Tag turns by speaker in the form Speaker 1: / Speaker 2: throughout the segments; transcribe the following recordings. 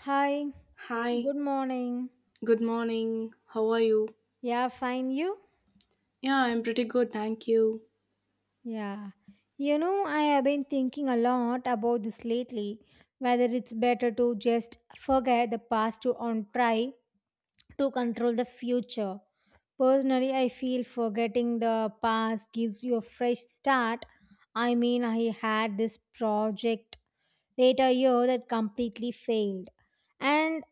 Speaker 1: Hi,
Speaker 2: Hi,
Speaker 1: good morning.
Speaker 2: good morning. How are you?
Speaker 1: Yeah, fine, you?
Speaker 2: Yeah, I'm pretty good, thank you.
Speaker 1: Yeah. You know, I have been thinking a lot about this lately whether it's better to just forget the past to and try to control the future. Personally, I feel forgetting the past gives you a fresh start. I mean, I had this project later year that completely failed. And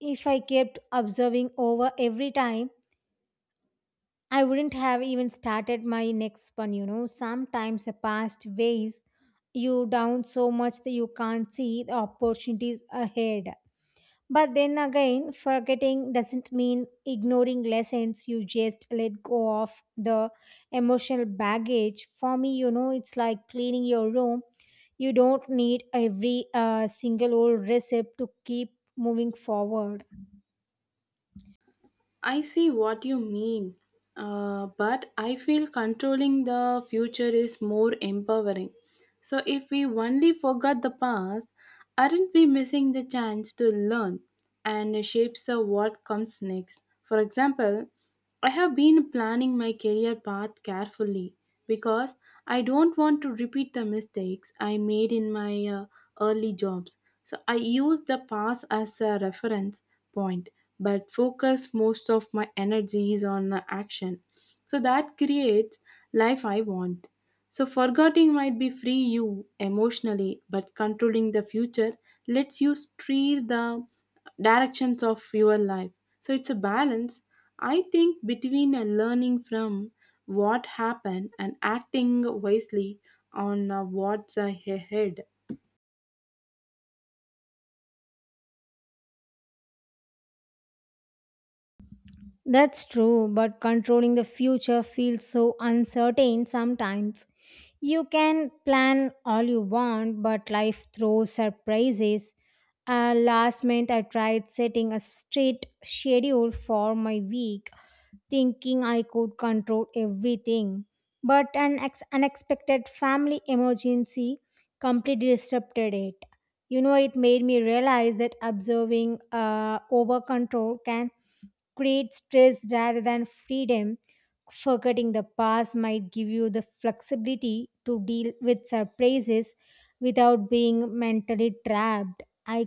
Speaker 1: if I kept observing over every time, I wouldn't have even started my next one, you know. Sometimes the past weighs you down so much that you can't see the opportunities ahead. But then again, forgetting doesn't mean ignoring lessons. You just let go of the emotional baggage. For me, you know, it's like cleaning your room. You don't need every single old recipe to keep moving forward.
Speaker 2: I see what you mean, but I feel controlling the future is more empowering. So, if we only forgot the past, aren't we missing the chance to learn and shape so what comes next? For example, I have been planning my career path carefully because I don't want to repeat the mistakes I made in my early jobs. So I use the past as a reference point but focus most of my energies on action. So that creates life I want. So forgetting might be free you emotionally but controlling the future lets you steer the directions of your life. So it's a balance, I think, between a learning from what happened and acting wisely on what's ahead.
Speaker 1: That's true, but controlling the future feels so uncertain sometimes. You can plan all you want, but life throws surprises. Last month, I tried setting a strict schedule for my week, thinking I could control everything. But unexpected family emergency completely disrupted it. You know, it made me realize that observing over control can create stress rather than freedom. Forgetting the past might give you the flexibility to deal with surprises without being mentally trapped. I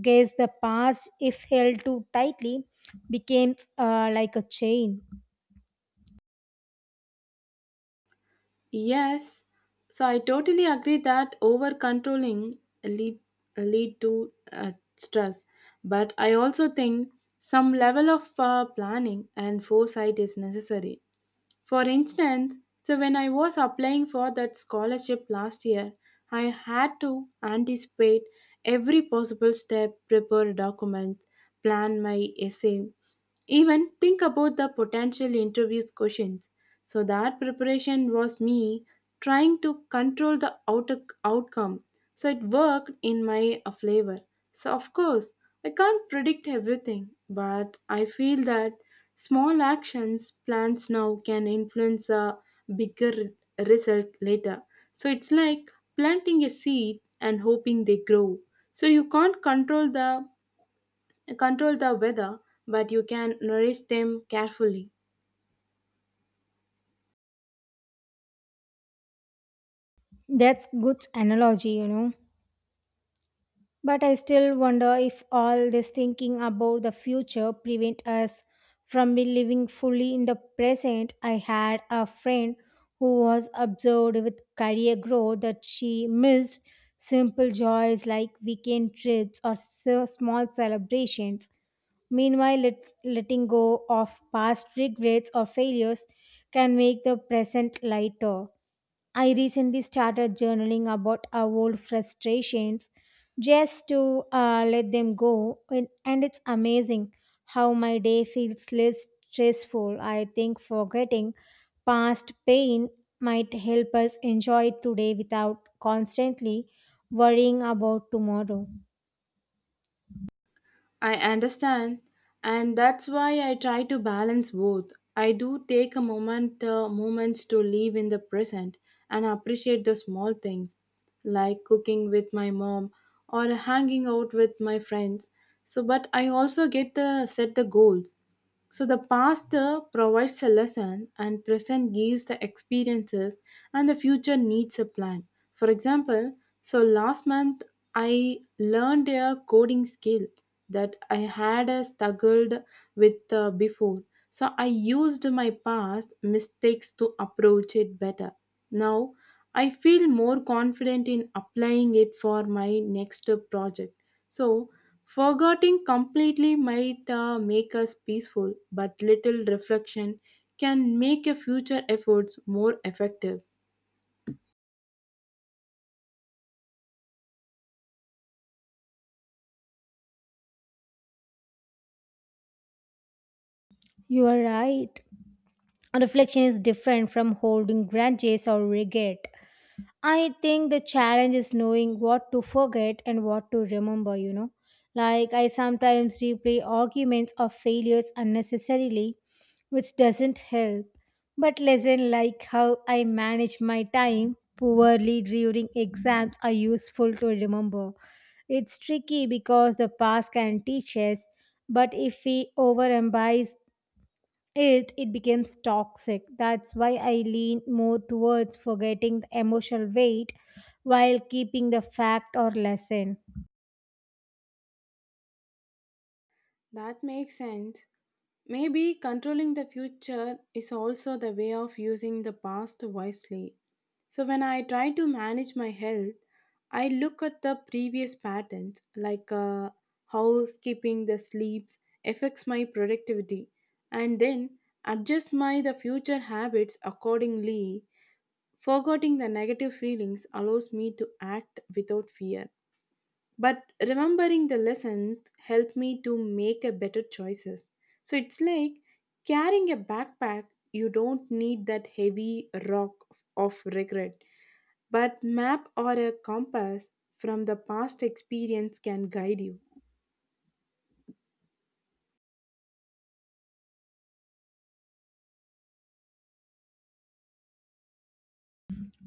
Speaker 1: guess the past, if held too tightly, becomes like a chain.
Speaker 2: Yes, so I totally agree that over controlling lead lead to stress, but I also think some level of planning and foresight is necessary. For instance, so when I was applying for that scholarship last year, I had to anticipate every possible step, prepare documents, plan my essay, even think about the potential interviews questions. So that preparation was me trying to control the outer outcome. So it worked in my flavor. So of course, I can't predict everything, but I feel that small actions plans now can influence a result later. So it's like planting a seed and hoping they grow. So you can't control the weather, but you can nourish them carefully.
Speaker 1: That's good analogy, you know. But I still wonder if all this thinking about the future prevent us from living fully in the present. I had a friend who was absorbed with career growth that she missed simple joys like weekend trips or so small celebrations. Meanwhile, letting go of past regrets or failures can make the present lighter. I recently started journaling about our old frustrations just to let them go. And it's amazing how my day feels less stressful. I think forgetting past pain might help us enjoy today without constantly worrying about tomorrow.
Speaker 2: I understand, and that's why I try to balance both. I do take a moments to live in the present and appreciate the small things, like cooking with my mom or hanging out with my friends. So, but I also get the set the goals. So the past provides a lesson, and present gives the experiences, and the future needs a plan. For example, so last month I learned a coding skill that I had struggled with before. So I used my past mistakes to approach it better. Now I feel more confident in applying it for my next project. So forgetting completely might make us peaceful, but little reflection can make your future efforts more effective.
Speaker 1: You are right. Reflection is different from holding grudges or regret. I think the challenge is knowing what to forget and what to remember, you know. Like, I sometimes replay arguments or failures unnecessarily, which doesn't help. But lesson like how I manage my time poorly during exams are useful to remember. It's tricky because the past can teach us, but if we overemphasize it becomes toxic. That's why I lean more towards forgetting the emotional weight while keeping the fact or lesson.
Speaker 2: That makes sense. Maybe controlling the future is also the way of using the past wisely. So, when I try to manage my health, I look at the previous patterns, like how skipping the sleeps affects my productivity, and then adjust my the future habits accordingly. Forgetting the negative feelings allows me to act without fear. But remembering the lessons help me to make a better choices. So it's like carrying a backpack, you don't need that heavy rock of regret. But map or a compass from the past experience can guide you.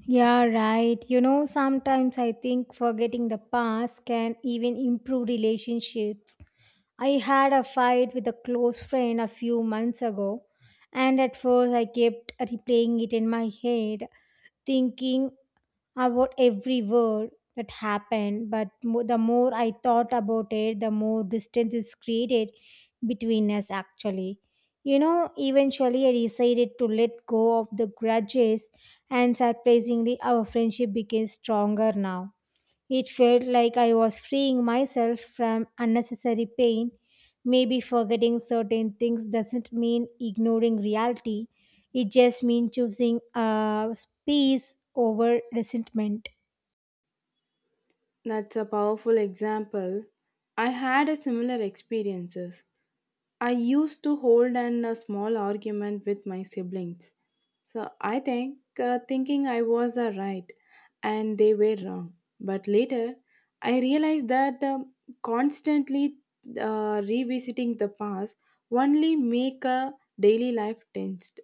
Speaker 1: Yeah, right, you know, sometimes I think forgetting the past can even improve relationships. I had a fight with a close friend a few months ago, and at first I kept replaying it in my head, thinking about every word that happened. But the more I thought about it, the more distance is created between us. Actually, you know, eventually I decided to let go of the grudges, and surprisingly our friendship became stronger now. It felt like I was freeing myself from unnecessary pain. Maybe forgetting certain things doesn't mean ignoring reality, it just means choosing peace over resentment.
Speaker 2: That's a powerful example. I had a similar experiences. I used to hold an a small argument with my siblings. So I think thinking I was right and they were wrong. But later I realized that constantly revisiting the past only make a daily life tensed.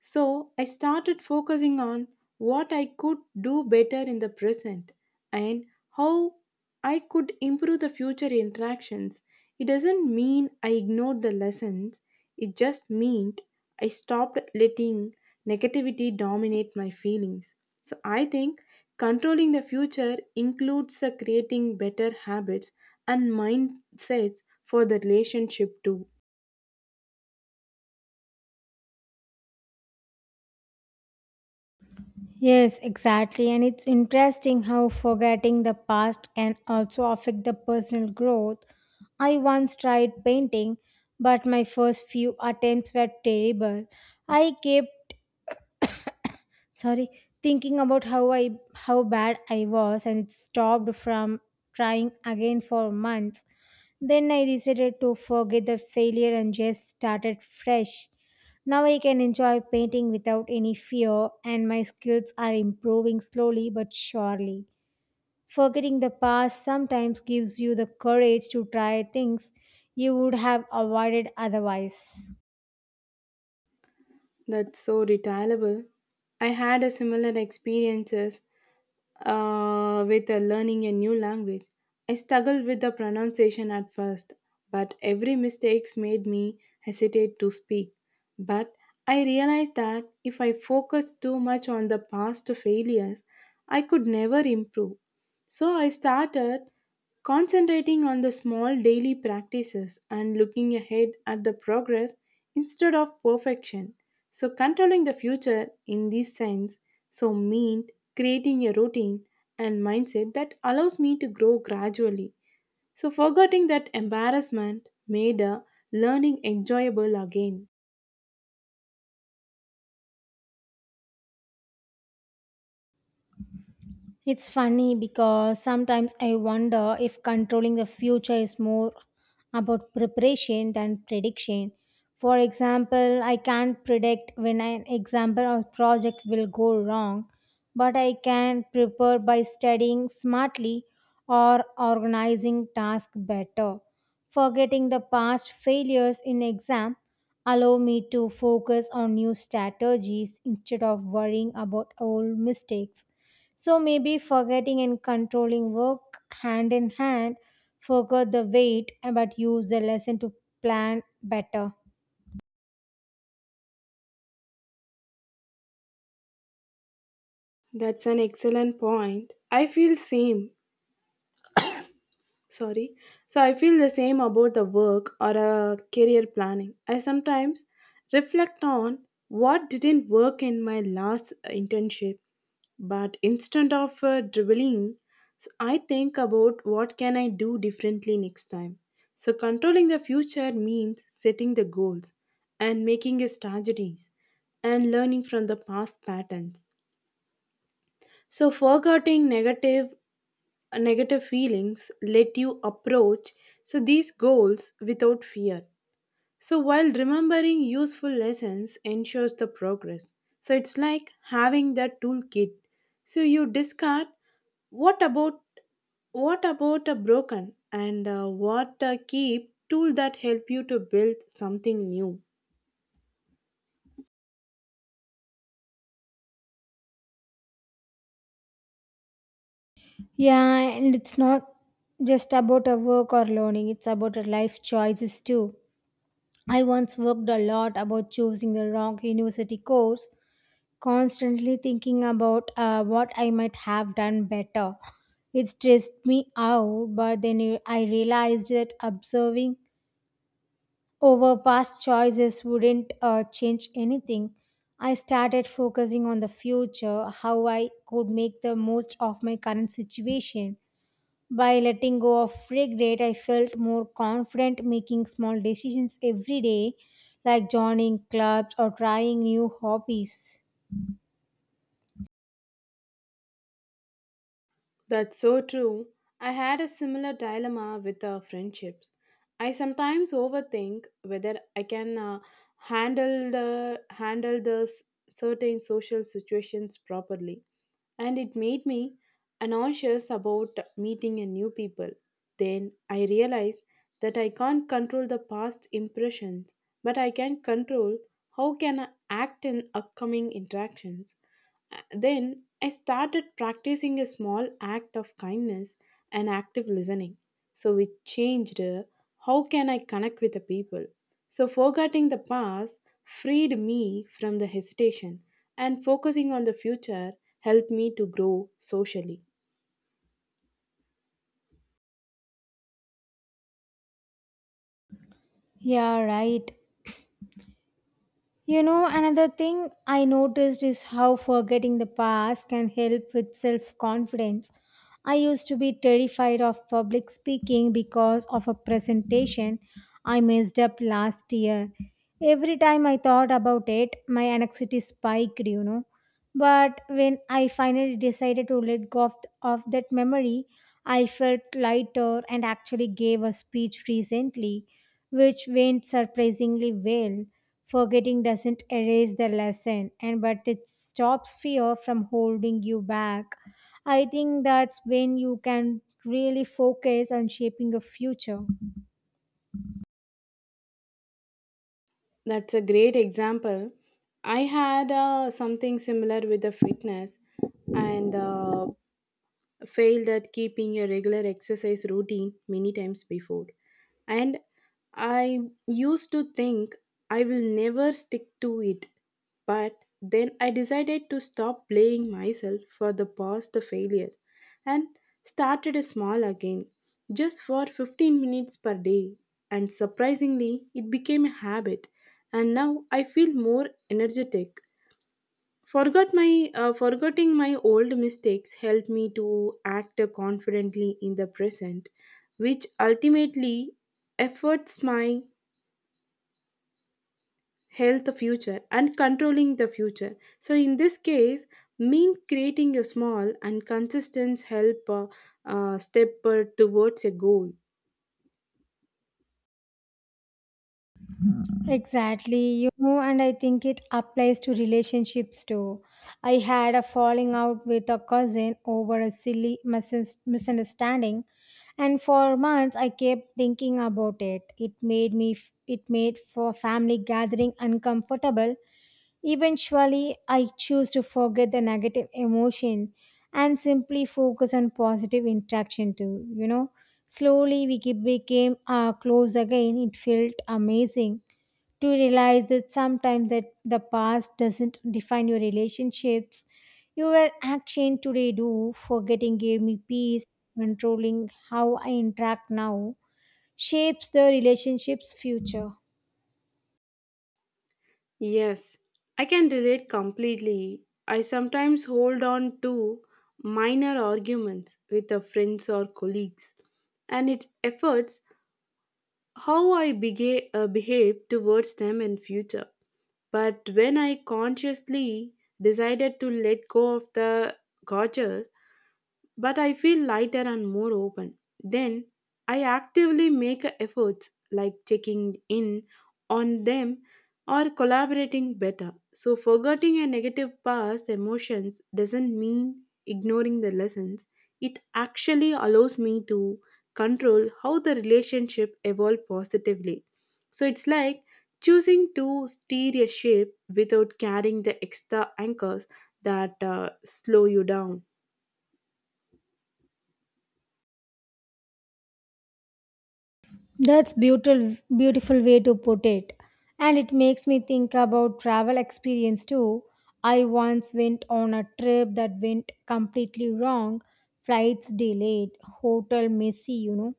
Speaker 2: So I started focusing on what I could do better in the present and how I could improve the future interactions. It doesn't mean I ignored the lessons, it just meant I stopped letting negativity dominate my feelings. So I think controlling the future includes creating better habits and mindsets for the relationship too.
Speaker 1: Yes, exactly. And it's interesting how forgetting the past can also affect the personal growth. I once tried painting, but my first few attempts were terrible. I kept sorry thinking about how I how bad I was, and it stopped from trying again for months. Then I decided to forget the failure and just started fresh. Now I can enjoy painting without any fear, and my skills are improving slowly but surely. Forgetting the past sometimes gives you the courage to try things you would have avoided otherwise.
Speaker 2: That's so retailable. I had a similar experiences with learning a new language. I struggled with the pronunciation at first, but every mistake made me hesitate to speak. But I realized that if I focused too much on the past failures, I could never improve. So I started concentrating on the small daily practices and looking ahead at the progress instead of perfection. So, controlling the future in this sense so, meant creating a routine and mindset that allows me to grow gradually. So, forgetting that embarrassment made learning enjoyable again.
Speaker 1: It's funny because sometimes I wonder if controlling the future is more about preparation than prediction. For example, I can't predict when an example or project will go wrong, but I can prepare by studying smartly or organizing tasks better. Forgetting the past failures in exam allow me to focus on new strategies instead of worrying about old mistakes. So maybe forgetting and controlling work hand in hand. Forgot the weight, but use the lesson to plan better.
Speaker 2: That's an excellent point. I feel same. Sorry, so I feel the same about the work or a career planning. I sometimes reflect on what didn't work in my last internship, but instead of dribbling, so I think about what can I do differently next time. So controlling the future means setting the goals and making a strategies and learning from the past patterns. So forgetting negative feelings let you approach so these goals without fear, so while remembering useful lessons ensures the progress. So it's like having that toolkit, so you discard what about what about a broken and what a keep tool that help you to build something new.
Speaker 1: Yeah, and it's not just about a work or learning, it's about a life choices too. I once worked a lot about choosing the wrong university course, constantly thinking about what I might have done better. It stressed me out, but then I realized that observing over past choices wouldn't change anything. I started focusing on the future, how I could make the most of my current situation. By letting go of regret, I felt more confident making small decisions every day, like joining clubs or trying new hobbies.
Speaker 2: That's so true. I had a similar dilemma with friendships. I sometimes overthink whether I can handle the certain social situations properly, and it made me anxious about meeting a new people. Then I realized that I can't control the past impressions, but I can control how can I act in upcoming interactions. Then I started practicing a small act of kindness and active listening. So it changed how can I connect with the people. So, forgetting the past freed me from the hesitation, and focusing on the future helped me to grow socially.
Speaker 1: Yeah, right. You know, another thing I noticed is how forgetting the past can help with self confidence. I used to be terrified of public speaking because of a presentation I messed up last year. Every time I thought about it, my anxiety spiked, you know. But when I finally decided to of that memory, I felt lighter and actually gave a speech recently which went surprisingly well. Forgetting doesn't erase the lesson, and but it stops fear from holding you back. I think that's when you can really focus on shaping your future.
Speaker 2: That's a great example. I had something similar with the fitness and failed at keeping a regular exercise routine many times before. And I used to think I will never stick to it. But then I decided to stop blaming myself for the past failure and started small again, just for 15 minutes per day. And surprisingly, it became a habit, and now I feel more energetic. Forgot my Forgetting my old mistakes helped me to act confidently in the present, which ultimately efforts my health future and controlling the future. So in this case, mean creating a small and consistent help step towards a goal.
Speaker 1: Exactly, you know, and I think it applies to relationships too. I had a falling out with a cousin over a silly misunderstanding, and for months I kept thinking about it. It made it made for family gathering uncomfortable. Eventually, I choose to forget the negative emotion and simply focus on positive interaction too. You know, slowly we became close again. It felt amazing to realize that sometimes that the past doesn't define your relationships, your action today do. Forgetting gave me peace. Controlling how I interact now shapes the relationship's future.
Speaker 2: Yes, I can relate completely. I sometimes hold on to minor arguments with the friends or colleagues, and it efforts how I behave towards them in future. But when I consciously decided to let go of the grudges, but I feel lighter and more open. Then I actively make efforts like checking in on them or collaborating better. So, forgetting a negative past emotions doesn't mean ignoring the lessons, it actually allows me to control how the relationship evolve positively. So, it's like choosing to steer a ship without carrying the extra anchors that slow you down.
Speaker 1: That's beautiful way to put it. And it makes me think about travel experience too. I once went on a trip that went completely wrong, flights delayed, hotel messy, you know.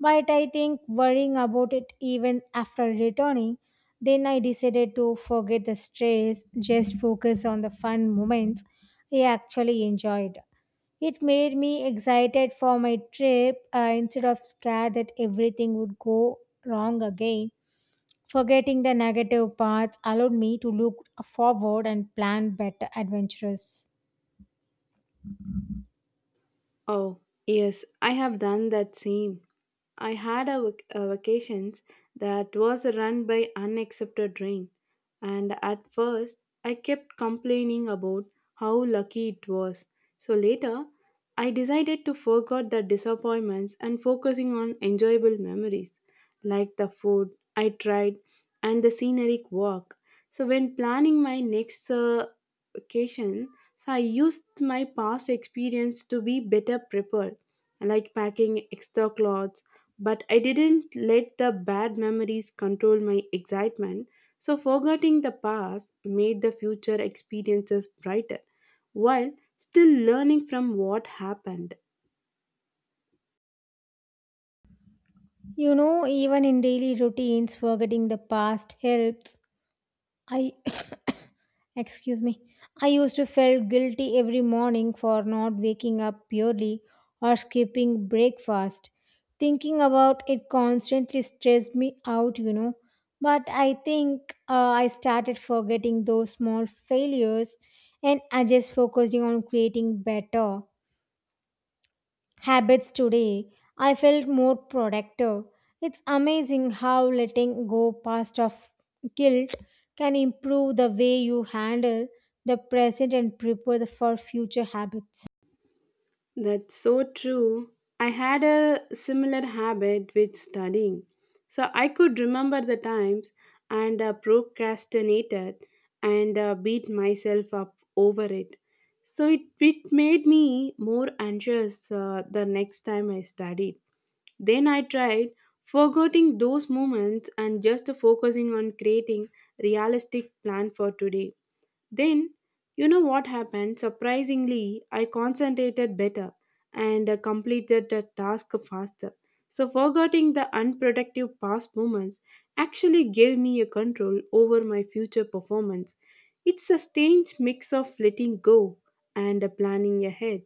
Speaker 1: But I think worrying about it even after returning, then I decided to forget the stress, just focus on the fun moments I actually enjoyed. It made me excited for my trip instead of scared that everything would go wrong again. Forgetting the negative parts allowed me to look forward and plan better adventures.
Speaker 2: Oh, yes, I have done that same. I had a, a vacations that was run by unaccepted rain, and at first I kept complaining about how lucky it was. So later, I decided to forget the disappointments and focusing on enjoyable memories, like the food I tried and the scenic walk. So when planning my next vacation, so I used my past experience to be better prepared, like packing extra clothes. But I didn't let the bad memories control my excitement, so forgetting the past made the future experiences brighter while still learning from what happened.
Speaker 1: You know, even in daily routines, forgetting the past helps. I excuse me. I used to feel guilty every morning for not waking up early or skipping breakfast. Thinking about it constantly stressed me out, you know. But I think I started forgetting those small failures, and I just focusing on creating better habits today, I felt more productive. It's amazing how letting go past of guilt can improve the way you handle the present and prepare for future habits.
Speaker 2: That's so true. I had a similar habit with studying. So I could remember the times and procrastinated and beat myself up over it. So it made me more anxious the next time I studied. Then I tried forgetting those moments and just focusing on creating realistic plan for today. Then, you know what happened? Surprisingly, I concentrated better and completed the task faster. So, forgetting the unproductive past moments actually gave me a control over my future performance. It's a strange mix of letting go and planning ahead.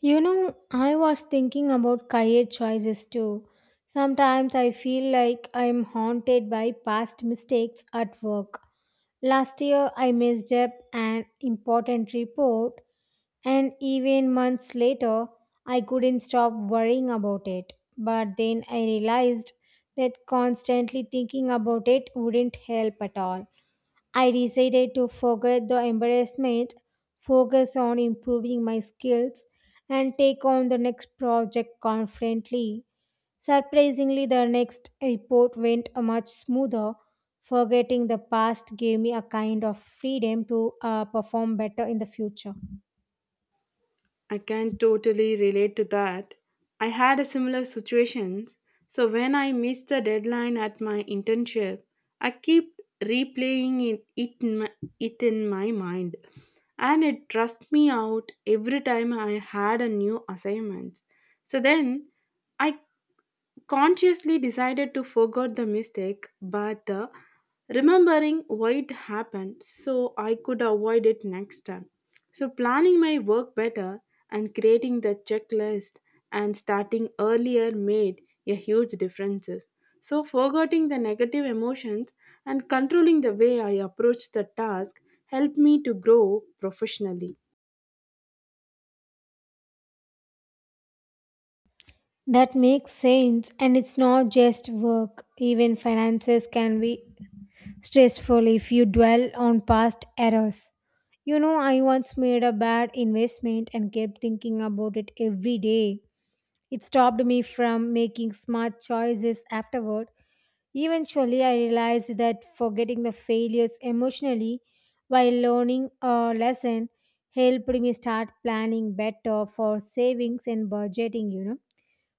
Speaker 1: You know, I was thinking about career choices too. Sometimes I feel like I'm haunted by past mistakes at work. Last year, I messed up an important report, and even months later, I couldn't stop worrying about it. But then I realized that constantly thinking about it wouldn't help at all. I decided to forget the embarrassment, focus on improving my skills, and take on the next project confidently. Surprisingly, the next report went much smoother. Forgetting the past gave me a kind of freedom to perform better in the future.
Speaker 2: I can totally relate to that. I had a similar situations. So when I missed the deadline at my internship, I keep replaying it in my mind, and it stressed me out every time I had a new assignment. So then I consciously decided to forget the mistake but remembering why it happened so I could avoid it next time. So, planning my work better and creating the checklist and starting earlier made a huge difference. So, forgetting the negative emotions and controlling the way I approach the task helped me to grow professionally.
Speaker 1: That makes sense, and it's not just work, even finances can be stressful if you dwell on past errors. You know, I once made a bad investment and kept thinking about it every day. It stopped me from making smart choices afterward. Eventually, I realized that forgetting the failures emotionally while learning a lesson helped me start planning better for savings and budgeting, you know.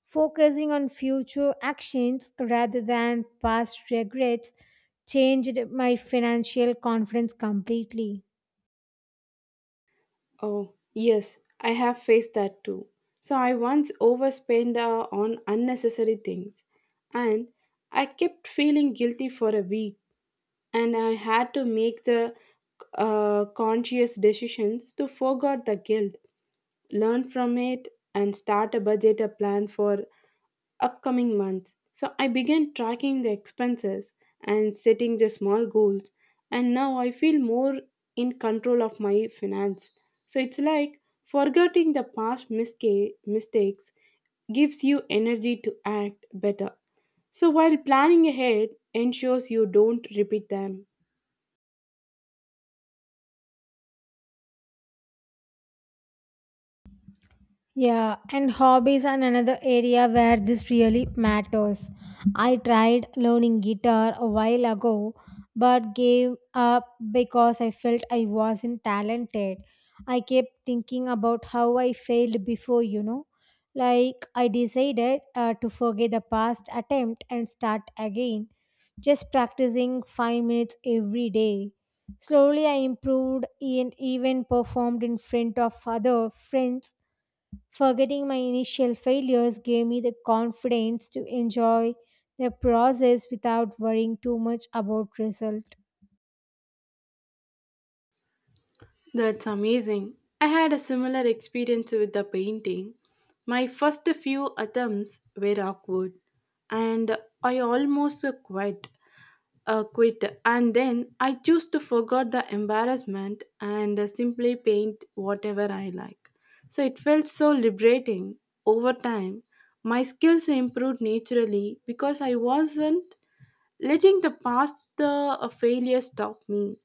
Speaker 1: Focusing on future actions rather than past regrets changed my financial confidence completely.
Speaker 2: Oh, yes, I have faced that too. So I once overspent on unnecessary things, and I kept feeling guilty for a week, and I had to make the conscious decisions to forget the guilt, learn from it and start a budget a plan for upcoming month. So I began tracking the expenses and setting the small goals, and now I feel more in control of my finance. So it's like forgetting the past mistakes gives you energy to act better. So while planning ahead ensures you don't repeat them.
Speaker 1: Yeah, and hobbies are another area where this really matters. I tried learning guitar a while ago but gave up because I felt I wasn't talented. I kept thinking about how I failed before, you know. Like, I decided to forget the past attempt and start again, just practicing 5 minutes every day. Slowly, I improved and even performed in front of other friends. Forgetting my initial failures gave me the confidence to enjoy the process without worrying too much about result.
Speaker 2: That's amazing. I had a similar experience with the painting. My first few attempts were awkward and I almost quit. And then I chose to forget the embarrassment and simply paint whatever I like. So it felt so liberating. Over time, my skills improved naturally because I wasn't letting the past failure stop me.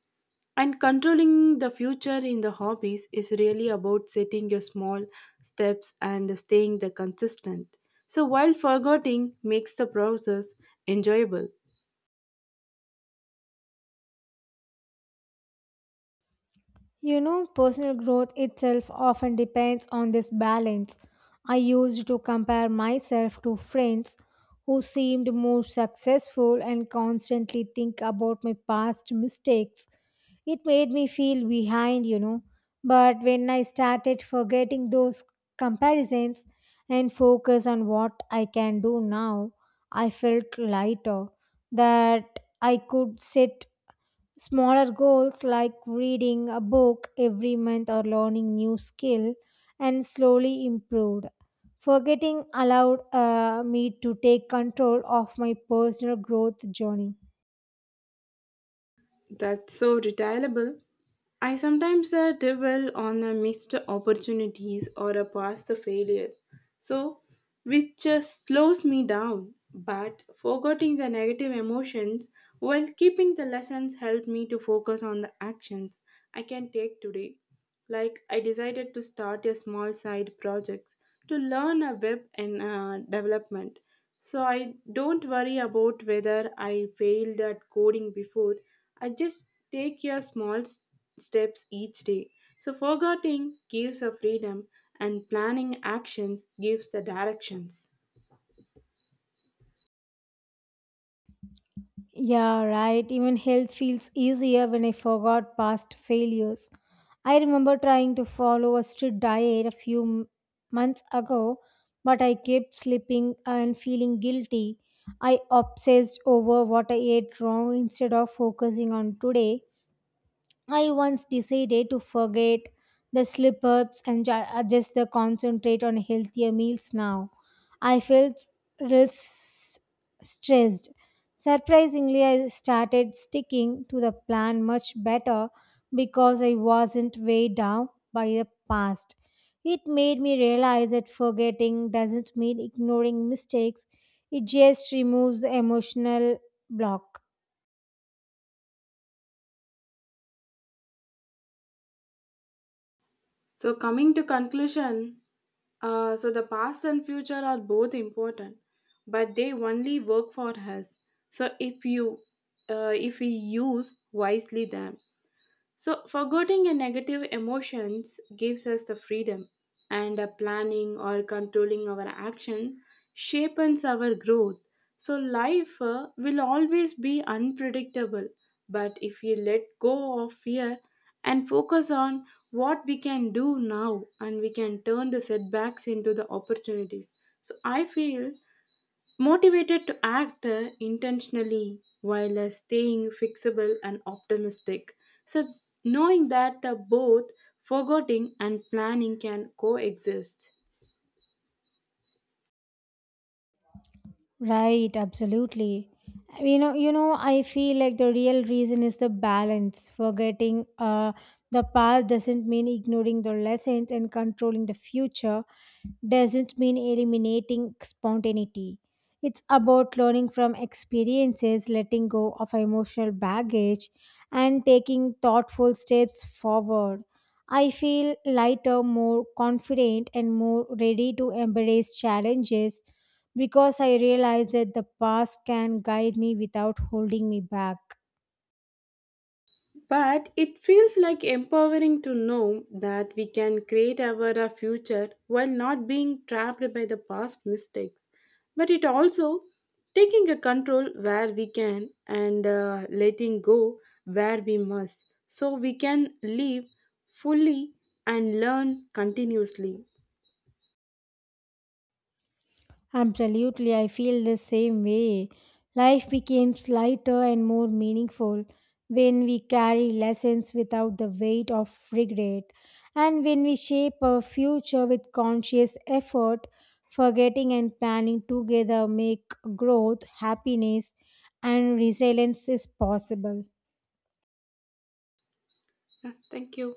Speaker 2: And controlling the future in the hobbies is really about setting your small steps and staying the consistent. So while forgetting makes the process enjoyable.
Speaker 1: You know, personal growth itself often depends on this balance. I used to compare myself to friends who seemed more successful and constantly think about my past mistakes. It made me feel behind, you know. But when I started forgetting those comparisons and focus on what I can do now, I felt lighter that I could sit smaller goals like reading a book every month or learning new skill, and slowly improved. Forgetting allowed me to take control of my personal growth journey.
Speaker 2: That's so retailable. I sometimes dwell on the missed opportunities or a past failure, so which slows me down. But forgetting the negative emotions while keeping the lessons help me to focus on the actions I can take today. Like I decided to start a small side projects to learn a web and development. So I don't worry about whether I failed at coding before. I just take a small steps each day. So, forgetting gives a freedom, and planning actions gives the directions.
Speaker 1: Yeah, right. Even health feels easier when I forgot past failures. I remember trying to follow a strict diet months ago, but I kept slipping and feeling guilty. I obsessed over what I ate wrong instead of focusing on today. I once decided to forget the slip ups and just the concentrate on healthier meals now. I felt res- stressed. Surprisingly, I started sticking to the plan much better because I wasn't weighed down by the past. It made me realize that forgetting doesn't mean ignoring mistakes, it just removes the emotional block.
Speaker 2: So, coming to conclusion, so the past and future are both important, but they only work for us. So, if we use wisely them. So, forgetting a negative emotions gives us the freedom, and a planning or controlling our action shapes our growth. So, life will always be unpredictable, but if we let go of fear and focus on what we can do now, and we can turn the setbacks into the opportunities. So, I feel motivated to act intentionally while staying fixable and optimistic. So, knowing that both forgetting and planning can coexist.
Speaker 1: Right, absolutely. You know, I feel like the real reason is the balance. Forgetting the past doesn't mean ignoring the lessons, and controlling the future doesn't mean eliminating spontaneity. It's about learning from experiences, letting go of emotional baggage, and taking thoughtful steps forward. I feel lighter, more confident, and more ready to embrace challenges because I realize that the past can guide me without holding me back.
Speaker 2: But it feels like empowering to know that we can create our future while not being trapped by the past mistakes. But it also taking a control where we can and letting go where we must. So we can live fully and learn continuously.
Speaker 1: Absolutely, I feel the same way. Life becomes lighter and more meaningful when we carry lessons without the weight of regret and when we shape our future with conscious effort. Forgetting and planning together make growth, happiness, and resilience is possible.
Speaker 2: Yeah, thank you.